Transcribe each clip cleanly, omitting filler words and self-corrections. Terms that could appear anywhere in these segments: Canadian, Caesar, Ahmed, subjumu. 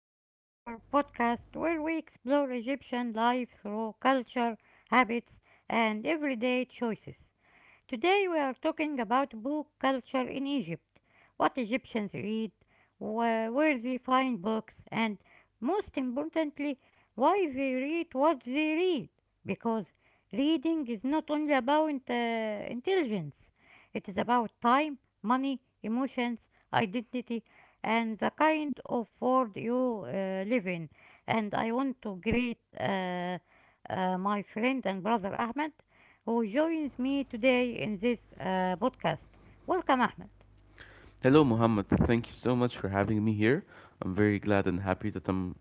listening to our podcast where we explore Egyptian life through culture, habits, and everyday choices. Today we are talking about book culture in Egypt, what Egyptians read, where they find books, and most importantly, why they read what they read. Because reading is not only about intelligence, it is about time, money, emotions, identity, and the kind of world you live in. And I want to greet my friend and brother Ahmed who joins me today in this podcast. Welcome, Ahmed. Hello, Muhammad. Thank you so much for having me here. I'm very glad and happy that I'm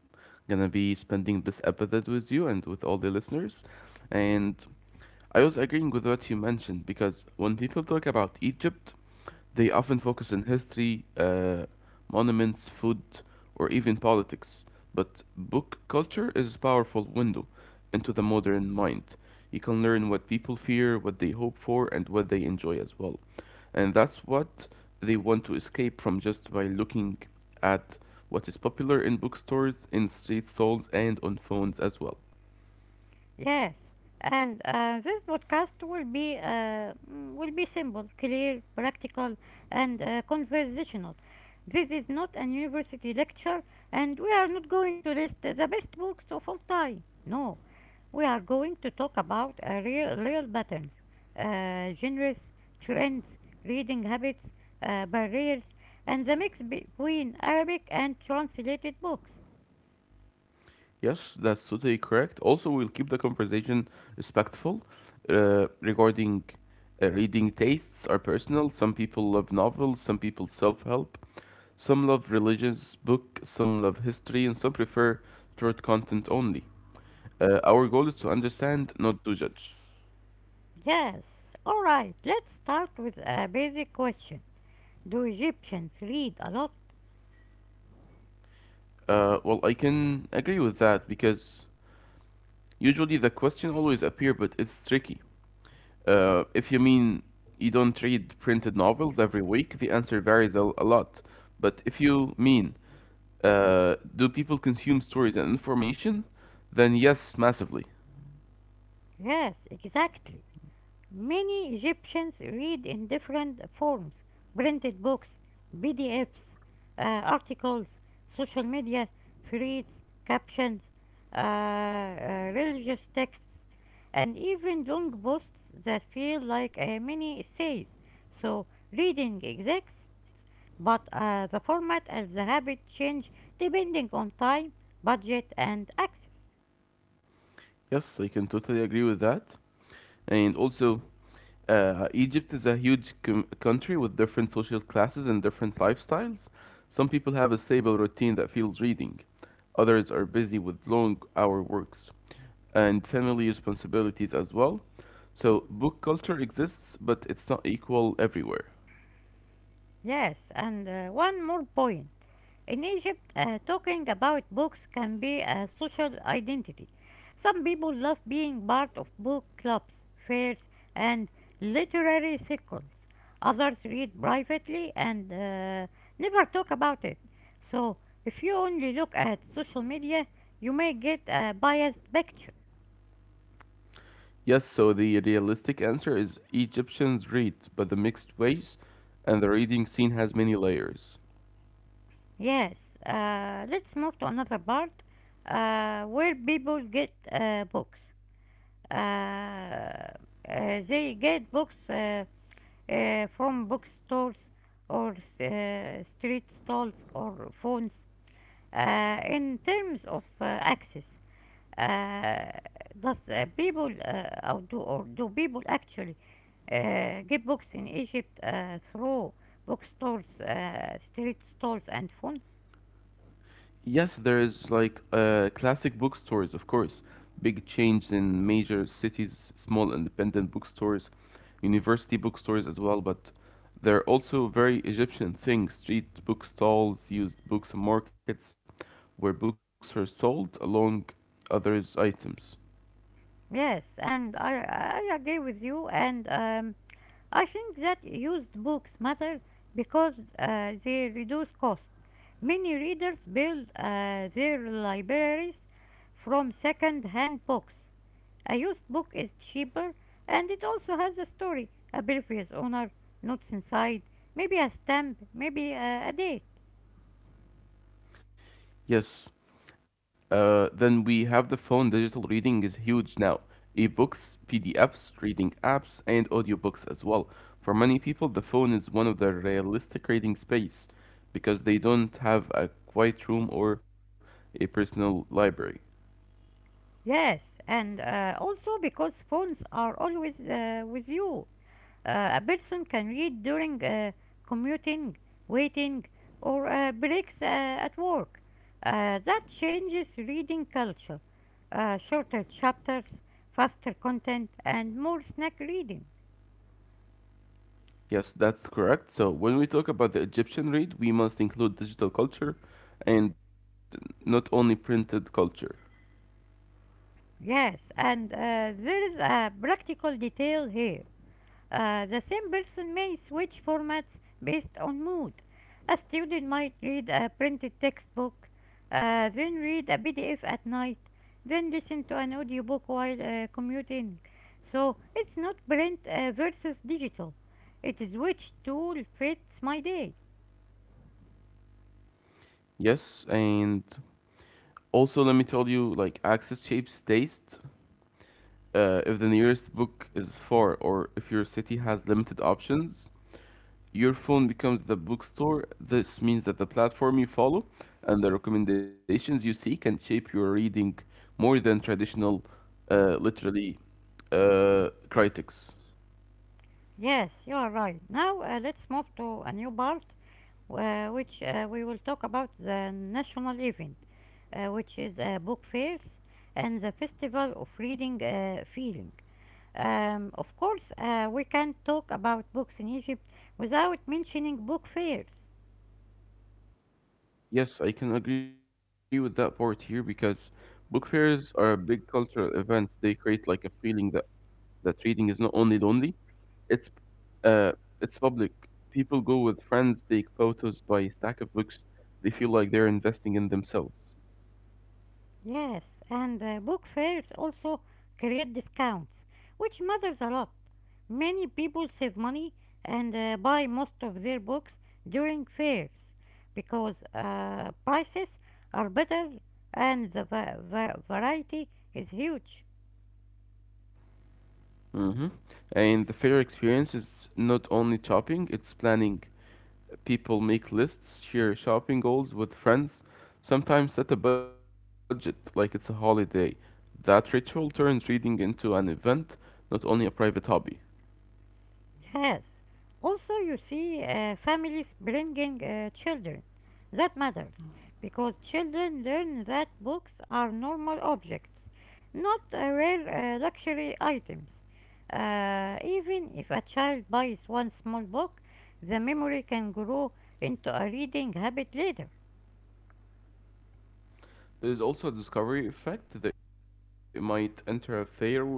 gonna be spending this episode with you and with all the listeners. And I was agreeing with what you mentioned because when people talk about Egypt, they often focus on history, monuments, food, or even politics. But book culture is a powerful window into the modern mind. You can learn what people fear, what they hope for, and what they enjoy as well. And that's what they want to escape from just by looking at what is popular in bookstores, in street stalls, and on phones as well. Yes, and this podcast will be will be simple, clear, practical, and conversational. This is not an university lecture, and we are not going to list the best books of all time. No, we are going to talk about real patterns, genres, trends, reading habits, barriers, and the mix between Arabic and translated books. Yes, that's totally correct. Also, we'll keep the conversation respectful regarding reading tastes are personal. Some people love novels, some people self help, some love religious book, some love history, and some prefer short content only. Our goal is to understand, not to judge. Yes. All right. Let's start with a basic question. Do Egyptians read a lot? Well, I can agree with that because usually the question always appear, but it's tricky. If you mean you don't read printed novels every week, the answer varies a lot. But if you mean do people consume stories and information, then yes, massively. Yes, exactly. Many Egyptians read in different forms: printed books, PDFs, articles, social media, threads, captions, religious texts, and even long posts that feel like mini essays. So, reading exists, but the format and the habit change depending on time, budget, and access. Yes, I can totally agree with that. And also, Egypt is a huge country with different social classes and different lifestyles. Some people have a stable routine that feels reading, others are busy with long hour works. And family responsibilities as well. So book culture exists, but it's not equal everywhere. Yes, and one more point. In Egypt, talking about books can be a social identity. Some people love being part of book clubs, fairs, and literary circles. Others read privately and never talk about it. So, if you only look at social media, you may get a biased picture. Yes, so the realistic answer is Egyptians read, but the mixed ways, and the reading scene has many layers. Yes, let's move to another part where people get books. Uh, uh, they get books. Uh, from bookstores or street stalls or phones. In terms of access, uh, does people or do people actually get books in Egypt through bookstores, street stalls, and phones? Yes, there's like classic bookstores, of course. Big change in major cities, small independent bookstores, university bookstores as well. But there are also very Egyptian things street book stalls, used books markets, where books are sold along others' items. Yes, and I agree with you. And I think that used books matter because they reduce cost. Many readers build their libraries from second hand books. A used book is cheaper and it also has a story, a previous owner, notes inside, maybe a stamp, maybe a date. Yes. Then we have the phone. Digital reading is huge now. Ebooks, PDFs, reading apps, and audiobooks as well. For many people, the phone is one of the realistic reading space because they don't have a quiet room or a personal library. Yes, and also because phones are always with you. A person can read during commuting, waiting, or breaks at work. That changes reading culture. Shorter chapters, faster content, and more snack reading. Yes, that's correct. So when we talk about the Egyptian read, we must include digital culture and not only printed culture. Yes, and there is a practical detail here. The same person may switch formats based on mood. A student might read a printed textbook, then read a PDF at night, then listen to an audiobook while commuting. So it's not print versus digital, it is which tool fits my day. Yes, and also let me tell you, like access shapes taste. If the nearest book is far or if your city has limited options, your phone becomes the bookstore. This means that the platform you follow and the recommendations you see can shape your reading more than traditional, literally, critics. Yes, you are right. Now let's move to a new part which we will talk about the national event, which is book fairs and the festival of reading feeling. Of course, we can't talk about books in Egypt without mentioning book fairs. Yes, I can agree with that part here because book fairs are big cultural events. They create like a feeling that reading is not only lonely. It's uh, it's public. People go with friends, take photos, buy a stack of books. They feel like they're investing in themselves. Yes, and book fairs also create discounts, which matters a lot. Many people save money and buy most of their books during fairs because prices are better and the variety is huge. Hmm. And the fair experience is not only shopping, it's planning. People make lists, share shopping goals with friends, sometimes set a budget like it's a holiday. That ritual turns reading into an event, not only a private hobby. Yes. Also, you see, families bringing children. That matters because children learn that books are normal objects, not rare luxury items. Even if a child buys one small book, the memory can grow into a reading habit later. There is also a discovery effect. They might enter a fair with one plan,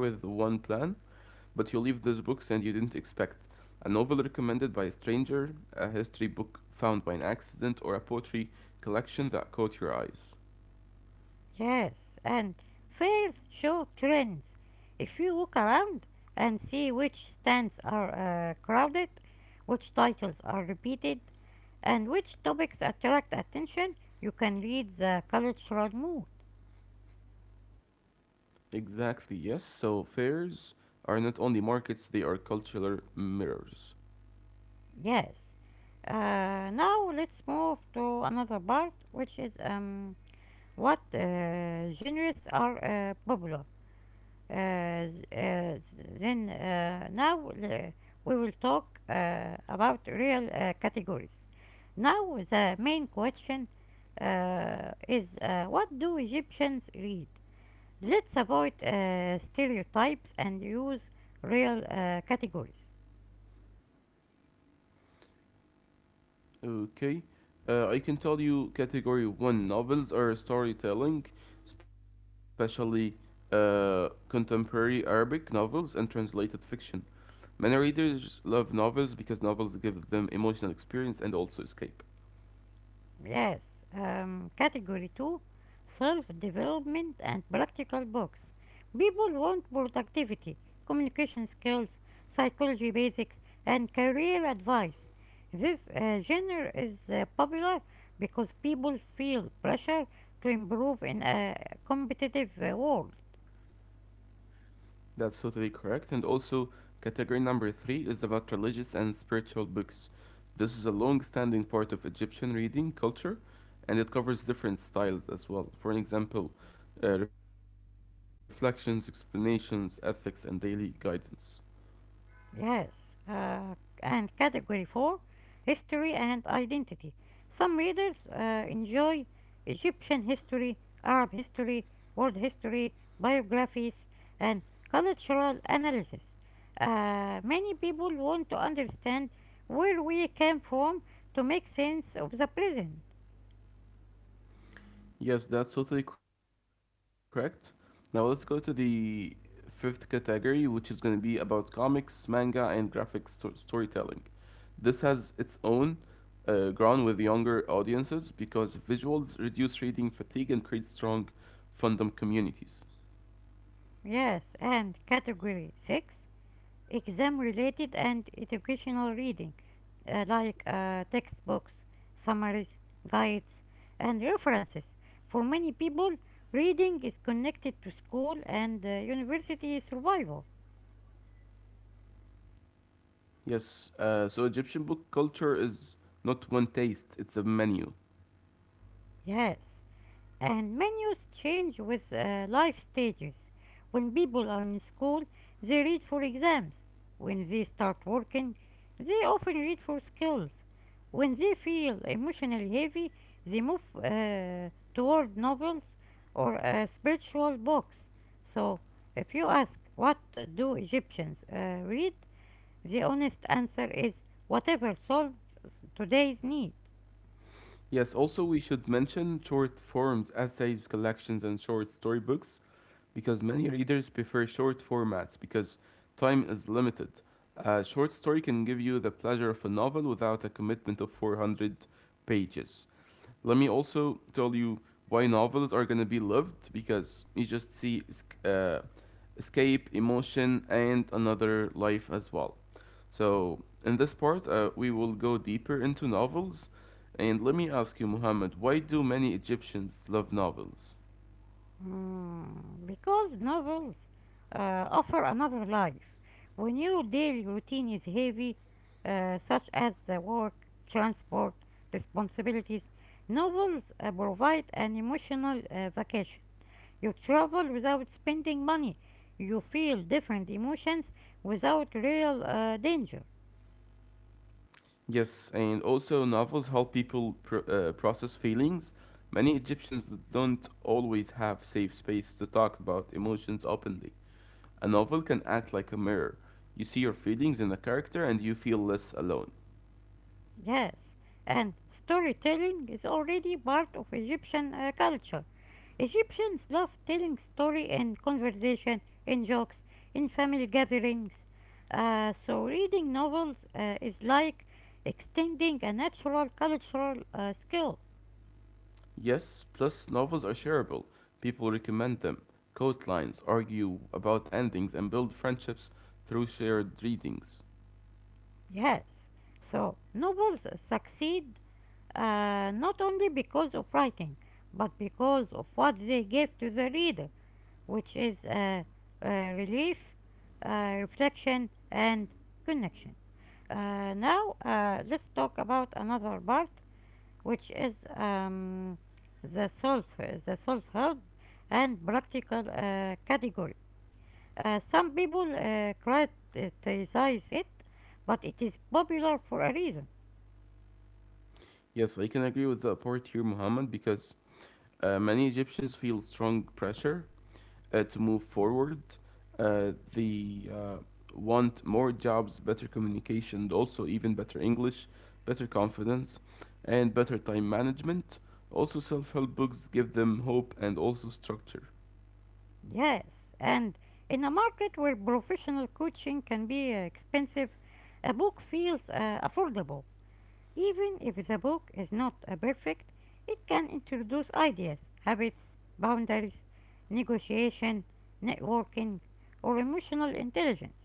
but you leave these books and you didn't expect. A novel recommended by a stranger, a history book found by an accident, or a poetry collection that caught your eyes. Yes, and fairs show trends. If you look around and see which stands are crowded, which titles are repeated, and which topics attract attention, you can read the cultural mood. Exactly, yes. So fairs are not only markets, they are cultural mirrors. Yes. Now let's move to another part, which is what genres are popular. Th- then now we will talk about real categories. Now the main question is what do Egyptians read? Let's avoid stereotypes and use real categories. Okay. I can tell you category one novels are storytelling, especially contemporary Arabic novels and translated fiction. Many readers love novels because novels give them emotional experience and also escape. Yes. Category 2: self development and practical books. People want productivity, communication skills, psychology basics, and career advice. This genre is popular because people feel pressure to improve in a competitive world. That's totally correct. And also, category number three is about religious and spiritual books. This is a long standing part of Egyptian reading culture and it covers different styles as well. For an example, reflections, explanations, ethics, and daily guidance. Yes, uh, and category 4: history and identity. Some readers enjoy Egyptian history, Arab history, world history, biographies, and cultural analysis. Many people want to understand where we came from to make sense of the present. Yes, that's totally correct. Now let's go to the fifth category, which is going to be about comics, manga, and graphic storytelling. This has its own ground with younger audiences because visuals reduce reading fatigue and create strong fandom communities. Yes, and category 6: exam related and educational reading, like textbooks, summaries, guides, and references. For many people, reading is connected to school and university survival. Yes, so Egyptian book culture is not one taste, it's a menu. Yes, and menus change with life stages. When people are in school, they read for exams. When they start working, they often read for skills. When they feel emotionally heavy, they move toward novels or spiritual books. So, if you ask what do Egyptians read, the honest answer is whatever solves today's need. Yes, also we should mention short forms, essays, collections, and short storybooks because many readers prefer short formats because time is limited. A short story can give you the pleasure of a novel without a commitment of 400 pages. Let me also tell you why novels are going to be loved because you just see escape, emotion, and another life as well. So, in this part, we will go deeper into novels and let me ask you, Muhammad, why do many Egyptians love novels? Mm, because novels offer another life. When your daily routine is heavy, such as the work, transport, responsibilities, novels provide an emotional vacation. You travel without spending money. You feel different emotions without real danger. Yes, and also novels help people process feelings. Many Egyptians don't always have safe space to talk about emotions openly. A novel can act like a mirror. You see your feelings in a character and you feel less alone. Yes, and storytelling is already part of Egyptian culture. Egyptians love telling story in conversation, in jokes, in family gatherings. So reading novels is like extending a natural cultural skill. Yes, plus novels are shareable. People recommend them, quote lines, argue about endings, and build friendships through shared readings. Yes, so novels succeed not only because of writing, but because of what they give to the reader, which is uh, relief, reflection, and connection. Now, let's talk about another part, which is the self, the self-help and practical category. Some people criticize it, but it is popular for a reason. Yes, I can agree with the part here, Muhammad, because many Egyptians feel strong pressure to move forward. They want more jobs, better communication, and also even better English, better confidence, and better time management. Also, self help books give them hope and also structure. Yes, and in a market where professional coaching can be expensive, a book feels affordable. Even if the book is not a perfect, it can introduce ideas, habits, boundaries, negotiation, networking, or emotional intelligence.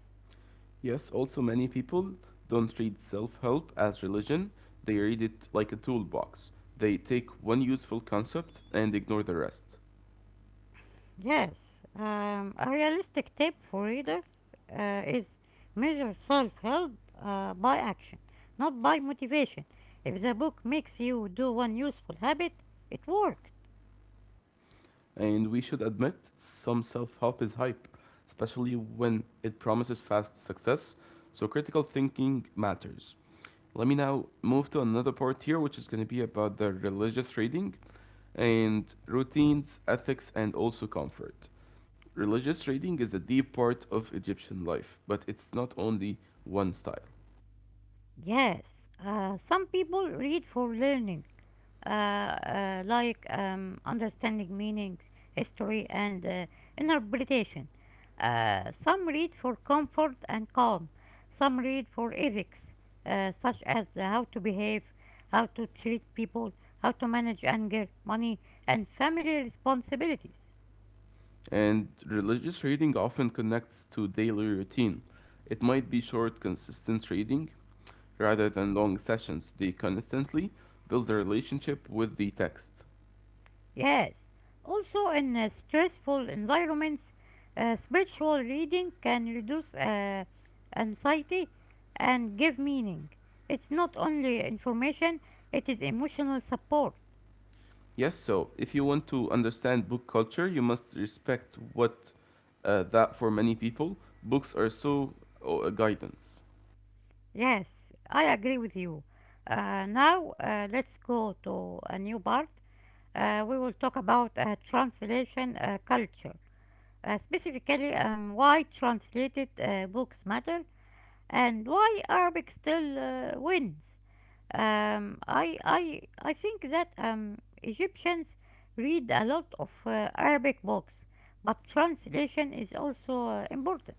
Yes, also, many people don't read self help as religion, they read it like a toolbox. They take one useful concept and ignore the rest. Yes, a realistic tip for readers is measure self help by action, not by motivation. If the book makes you do one useful habit, it worked. And we should admit, some self help is hype, especially when it promises fast success, so critical thinking matters. Let me now move to another part here, which is going to be about the religious trading and routines, ethics, and also comfort. Religious trading is a deep part of Egyptian life, but it's not only one style. Yes, some people read for learning, like understanding meanings, history, and interpretation. Some read for comfort and calm, some read for ethics, such as how to behave, how to treat people, how to manage anger, money, and family responsibilities. And religious reading often connects to daily routine. It might be short, consistent reading rather than long sessions. They constantly build a relationship with the text. Yes. Also, in stressful environments, spiritual reading can reduce anxiety and give meaning. It's not only information, it is emotional support. Yes, so if you want to understand book culture, you must respect what that for many people, books are so guidance. Yes, I agree with you. Now, let's go to a new part. We will talk about translation culture, specifically why translated books matter and why Arabic still wins. I think that Egyptians read a lot of Arabic books, but translation is also important.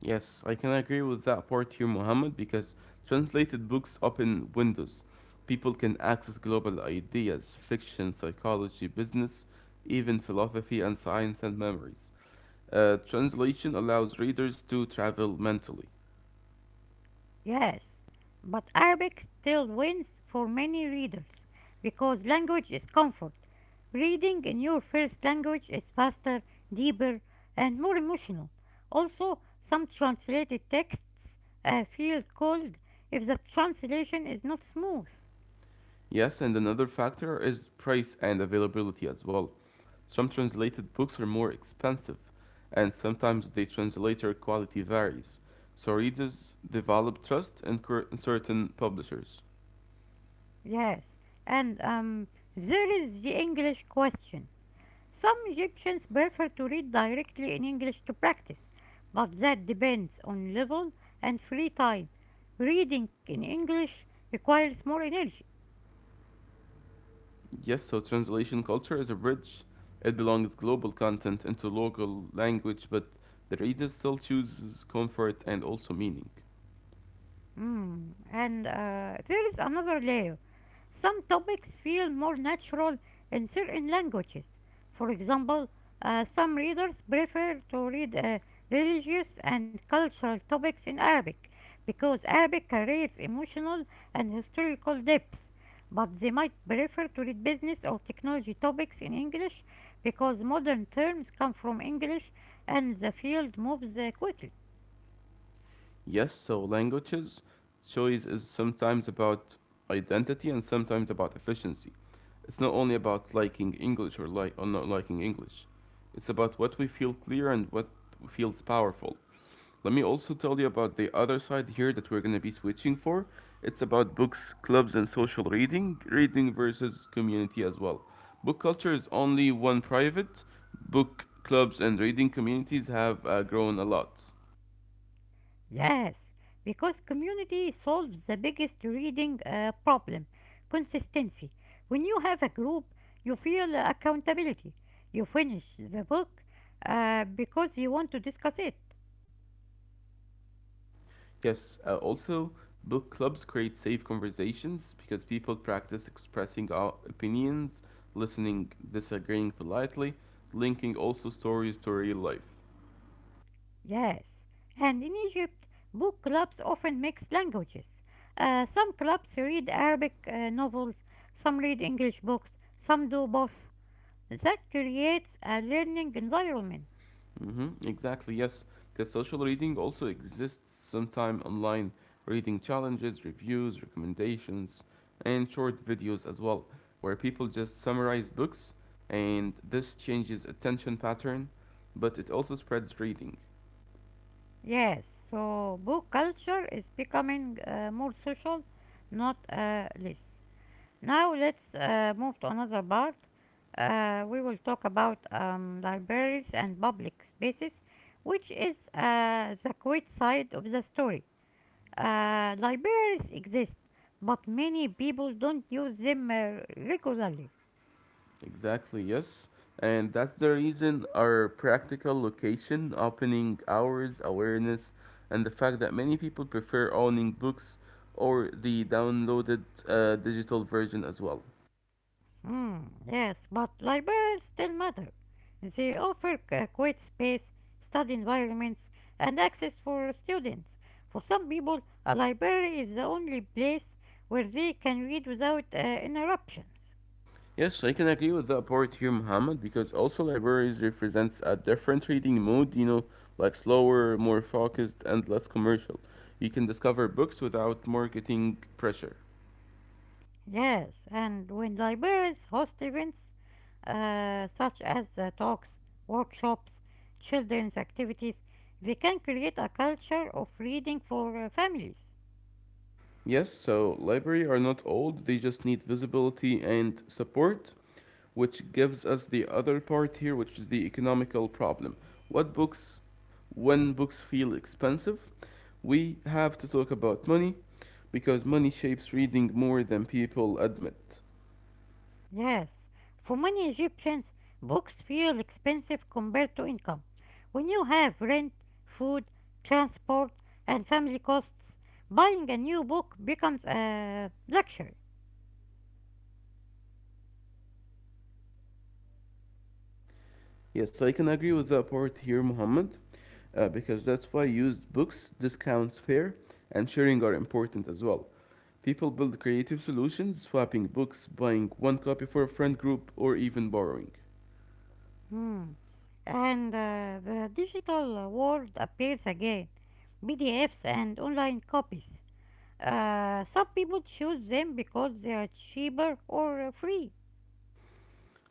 Yes, I can agree with that part here, Mohammed, because translated books open windows. People can access global ideas, fiction, psychology, business, even philosophy and science and memories. Translation allows readers to travel mentally. Yes, but Arabic still wins for many readers because language is comfort. Reading in your first language is faster, deeper, and more emotional. Also, some translated texts feel cold if the translation is not smooth. Yes, and another factor is price and availability as well. Some translated books are more expensive, and sometimes the translator quality varies, so readers develop trust in in certain publishers. Yes, and there is the English question. Some Egyptians prefer to read directly in English to practice, but that depends on level and free time. Reading in English requires more energy. Yes, so translation culture is a bridge. It belongs global content into local language, but the reader still chooses comfort and also meaning. Mm. And there is another layer. Some topics feel more natural in certain languages. For example, some readers prefer to read religious and cultural topics in Arabic because Arabic carries emotional and historical depth. But they might prefer to read business or technology topics in English because modern terms come from English and the field moves quickly. Yes, so languages choice is sometimes about identity and sometimes about efficiency. It's not only about liking English or like or not liking English. It's about what we feel clear and what feels powerful. Let me also tell you about the other side here that we're going to be switching for. It's about books, clubs, and social reading, reading versus community as well. Book culture is only one private. Book clubs and reading communities have grown a lot. Yes, because community solves the biggest reading problem: consistency. When you have a group, you feel accountability. You finish the book because you want to discuss it. Yes, also, book clubs create safe conversations because people practice expressing our opinions, listening, disagreeing politely, linking also stories to real life. Yes, and in Egypt, book clubs often mix languages. Some clubs read Arabic novels, some read English books, some do both. That creates a learning environment. Hmm, exactly, yes, because social reading also exists sometime online, reading challenges, reviews, recommendations, and short videos as well, where people just summarize books, and this changes attention pattern, but it also spreads reading. Yes, so book culture is becoming more social, not less. Now let's move to another part. We will talk about libraries and public spaces, which is the quiet side of the story. Libraries exist, but many people don't use them regularly. Exactly, yes. And that's the reason our practical location, opening hours, awareness, and the fact that many people prefer owning books or the downloaded digital version as well. Mm, yes, but libraries still matter. They offer a quiet space, study environments, and access for students. For some people, a library is the only place where they can read without interruptions. Yes, I can agree with that part here, Muhammad, because also libraries represents a different reading mode, you know, like slower, more focused, and less commercial. You can discover books without marketing pressure. Yes, and when libraries host events such as talks, workshops, children's activities, they can create a culture of reading for families. Yes, so library are not old, they just need visibility and support, which gives us the other part here, which is the economical problem. What books, when books feel expensive, we have to talk about money because money shapes reading more than people admit. Yes, for many Egyptians, books feel expensive compared to income. When you have rent, food, transport, and family costs, buying a new book becomes a luxury. Yes, I can agree with that part here, Muhammad, because that's why used books, discounts, fair, and sharing are important as well. People build creative solutions, swapping books, buying one copy for a friend group, or even borrowing. Hmm. And the digital world appears again PDFs and online copies. Some people choose them because they are cheaper or free.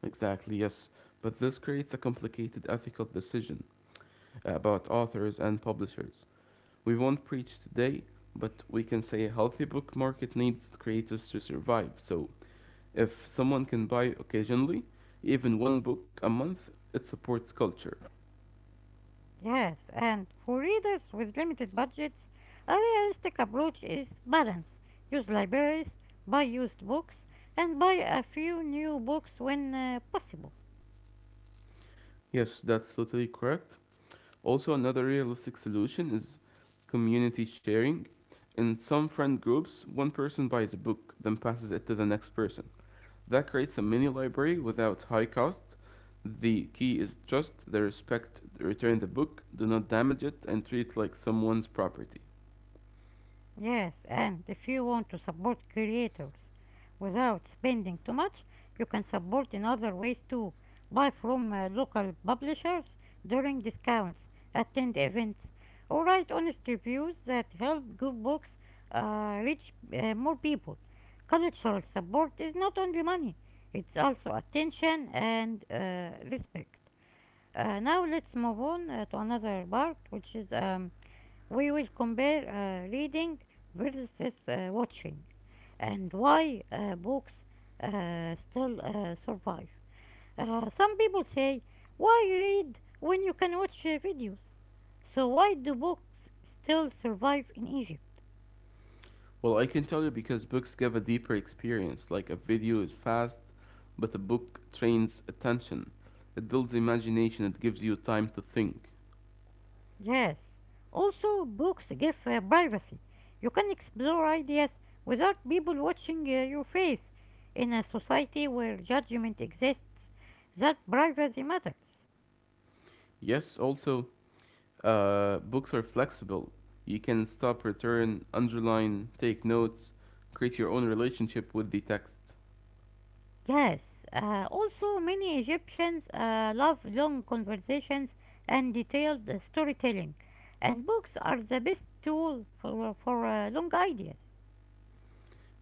Exactly, yes, but this creates a complicated ethical decision about authors and publishers. We won't preach today, but we can say a healthy book market needs creators to survive, so if someone can buy occasionally, even one book a month, it supports culture. Yes, and for readers with limited budgets, a realistic approach is balance. Use libraries, buy used books, and buy a few new books when possible. Yes, that's totally correct. Also, another realistic solution is community sharing. In some friend groups, one person buys a book, then passes it to the next person. That creates a mini library without high cost. The key is trust, the respect, return the book, do not damage it, and treat it like someone's property. Yes, and if you want to support creators without spending too much, you can support in other ways too. Buy from local publishers during discounts, attend events, or write honest reviews that help good books reach more people. Cultural support is not only money, it's also attention and respect. Now let's move on to another part, which is we will compare reading versus watching and why books still survive. Some people say, why read when you can watch videos? So, why do books still survive in Egypt? Well, I can tell you because books give a deeper experience. Like a video is fast, but a book trains attention. It builds imagination, it gives you time to think. Yes, also, books give privacy. You can explore ideas without people watching your face. In a society where judgment exists, that privacy matters. Yes, also, books are flexible. You can stop, return, underline, take notes, create your own relationship with the text. Yes, also many Egyptians love long conversations and detailed storytelling, and books are the best tool for long ideas.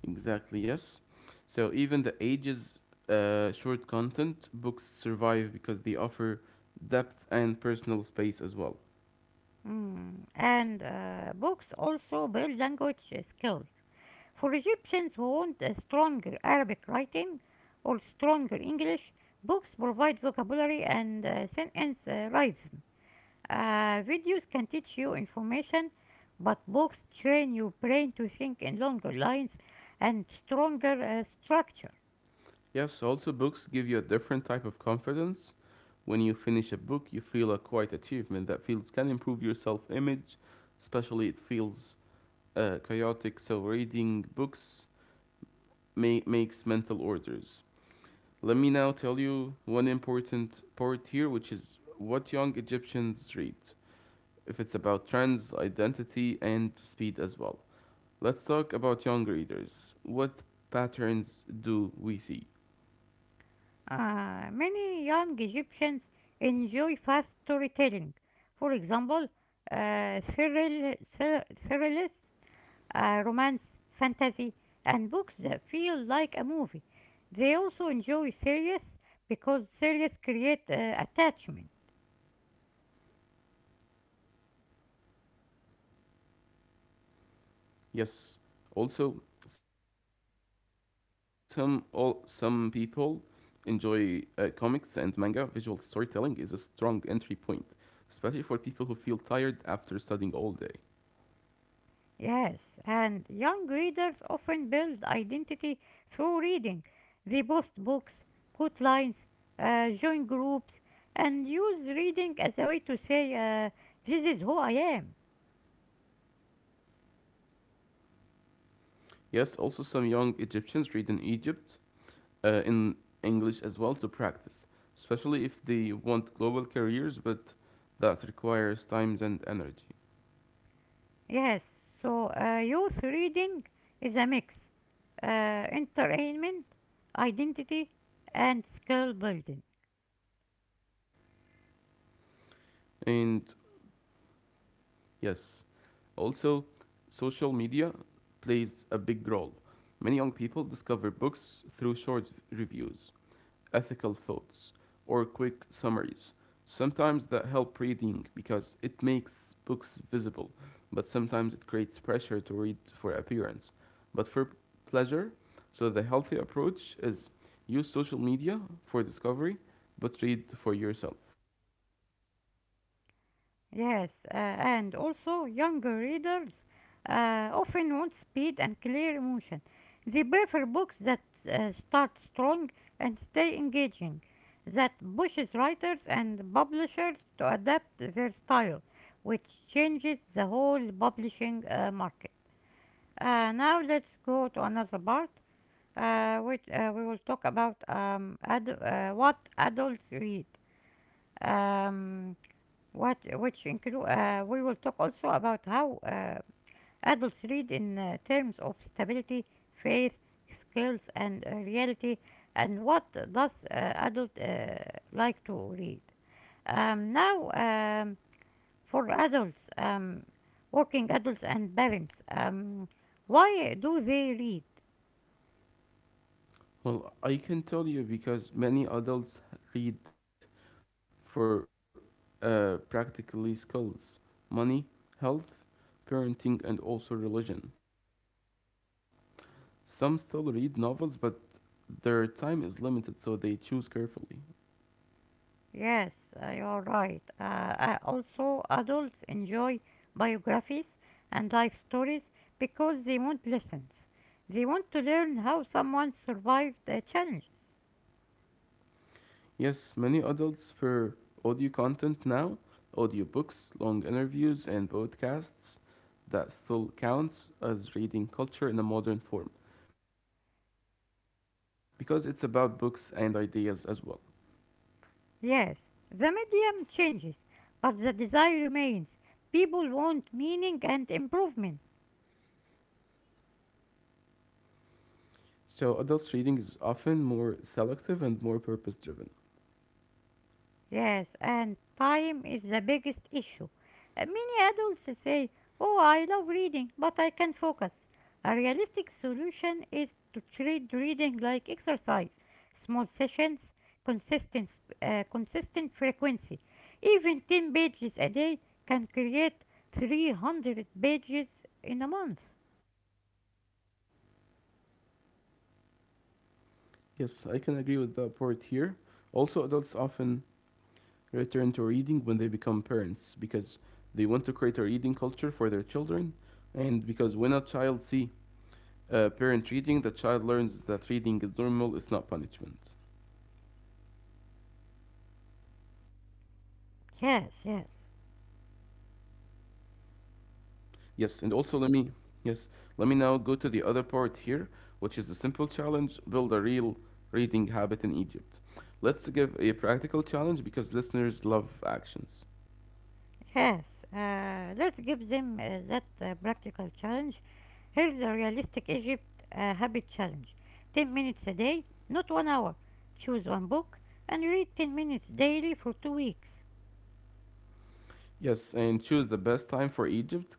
Exactly, yes. So even the ages short content books survive because they offer depth and personal space as well. Mm. And books also build language skills. For Egyptians who want a stronger Arabic writing or stronger English, books provide vocabulary and sentence rhythm. Videos can teach you information, but books train your brain to think in longer lines and stronger structure. Yes, also books give you a different type of confidence. When you finish a book, you feel a quiet achievement that feels can improve your self-image, especially it feels chaotic. So reading books makes mental orders. Let me now tell you one important part here, which is what young Egyptians read. If it's about trends, identity, and speed as well. Let's talk about young readers. What patterns do we see? Many young Egyptians enjoy fast storytelling. For example, thrillers, romance, fantasy, and books that feel like a movie. They also enjoy series because series create attachment. Yes. Also, some people enjoy comics and manga. Visual storytelling is a strong entry point, especially for people who feel tired after studying all day. Yes, and young readers often build identity through reading. They post books, quote lines, join groups, and use reading as a way to say, this is who I am. Yes, also some young Egyptians read in Egypt in English as well to practice, especially if they want global careers, but that requires times and energy. Yes, so youth reading is a mix entertainment, identity, and skill building. And yes, also, social media plays a big role. Many young people discover books through short reviews, ethical thoughts, or quick summaries. Sometimes that help reading because it makes books visible, but sometimes it creates pressure to read for appearance, but for pleasure. So the healthy approach is use social media for discovery, but read for yourself. Yes, and also younger readers often want speed and clear emotion. They prefer books that start strong and stay engaging, that pushes writers and publishers to adapt their style, which changes the whole publishing market. Now let's go to another part, which we will talk about what adults read. Um, what which include We will talk also about how adults read in terms of stability, faith, skills, and reality, and what does adult like to read. Um, now, um, for adults, working adults and parents, why do they read? Well, I can tell you because many adults read for practically skills, money, health, parenting, and also religion. Some still read novels, but their time is limited, so they choose carefully. Yes, you're right. Also, adults enjoy biographies and life stories because they want lessons. They want to learn how someone survived challenges. Yes, many adults prefer audio content now, audiobooks, long interviews, and podcasts. That still counts as reading culture in a modern form because it's about books and ideas as well. Yes, the medium changes, but the desire remains. People want meaning and improvement. So adults' reading is often more selective and more purpose driven. Yes, and time is the biggest issue. Many adults say, oh, I love reading, but I can't focus. A realistic solution is to treat reading like exercise, small sessions, consistent, consistent frequency. Even 10 pages a day can create 300 pages in a month. Yes, I can agree with the part here. Also, adults often return to reading when they become parents because they want to create a reading culture for their children, and because when a child see a parent reading, the child learns that reading is normal, it's not punishment. Yes, yes. Yes, and also yes, let me now go to the other part here, which is a simple challenge, build a real reading habit in Egypt. Let's give a practical challenge because listeners love actions. Yes, let's give them that practical challenge. Here's a realistic Egypt habit challenge: 10 minutes a day, not 1 hour. Choose one book and read 10 minutes daily for 2 weeks. Yes, and choose the best time for Egypt,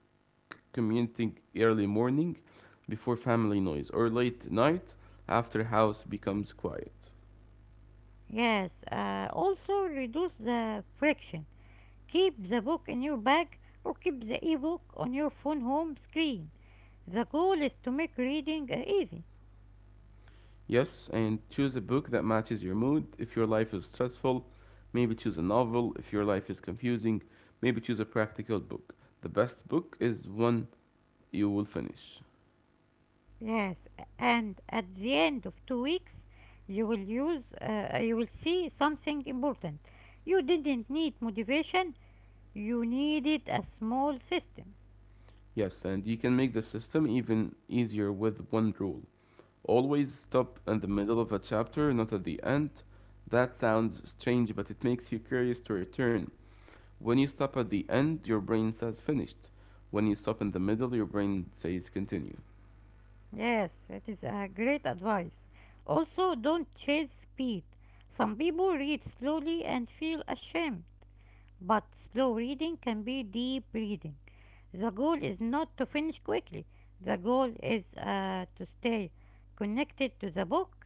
commuting early morning before family noise or late night after house becomes quiet. Yes, also reduce the friction. Keep the book in your bag or keep the ebook on your phone home screen. The goal is to make reading easy. Yes, and choose a book that matches your mood. If your life is stressful, maybe choose a novel. If your life is confusing, maybe choose a practical book. The best book is one you will finish. Yes, and at the end of 2 weeks, you will see something important. You didn't need motivation, you needed a small system. Yes, and you can make the system even easier with one rule. Always stop in the middle of a chapter, not at the end. That sounds strange, but it makes you curious to return. When you stop at the end, your brain says finished. When you stop in the middle, your brain says continue. Yes, it is a great advice. Also, don't chase speed. Some people read slowly and feel ashamed, but slow reading can be deep reading. The goal is not to finish quickly, the goal is to stay connected to the book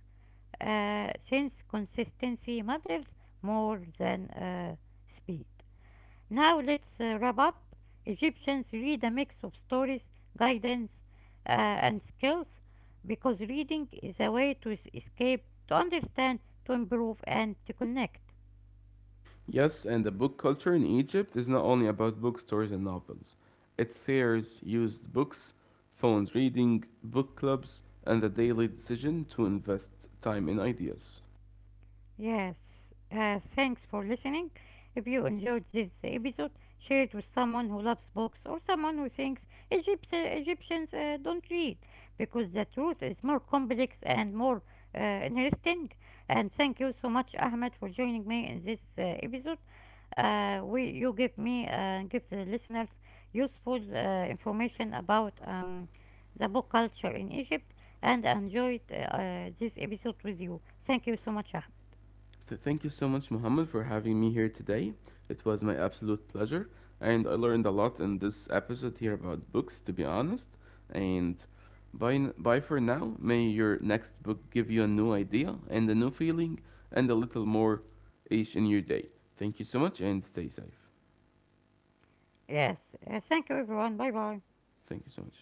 since consistency matters more than speed. Now let's wrap up. Egyptians read a mix of stories, guidance, and skills because reading is a way to escape, to understand, to improve, and to connect. Yes, and the book culture in Egypt is not only about bookstores and novels. It's fairs, used books, phones reading, book clubs, and the daily decision to invest time in ideas. Yes, thanks for listening. If you enjoyed this episode, share it with someone who loves books or someone who thinks Egyptians don't read, because the truth is more complex and more interesting. And thank you so much, Ahmed, for joining me in this episode. We you give me Give the listeners useful information about the book culture in Egypt, and I enjoyed this episode with you. Thank you so much, Ahmed. So thank you so much, Mohammed, for having me here today. It was my absolute pleasure, and I learned a lot in this episode here about books, to be honest. And bye, bye for now. May your next book give you a new idea and a new feeling and a little more each in your day. Thank you so much, and stay safe. Yes. Thank you, everyone. Bye bye. Thank you so much.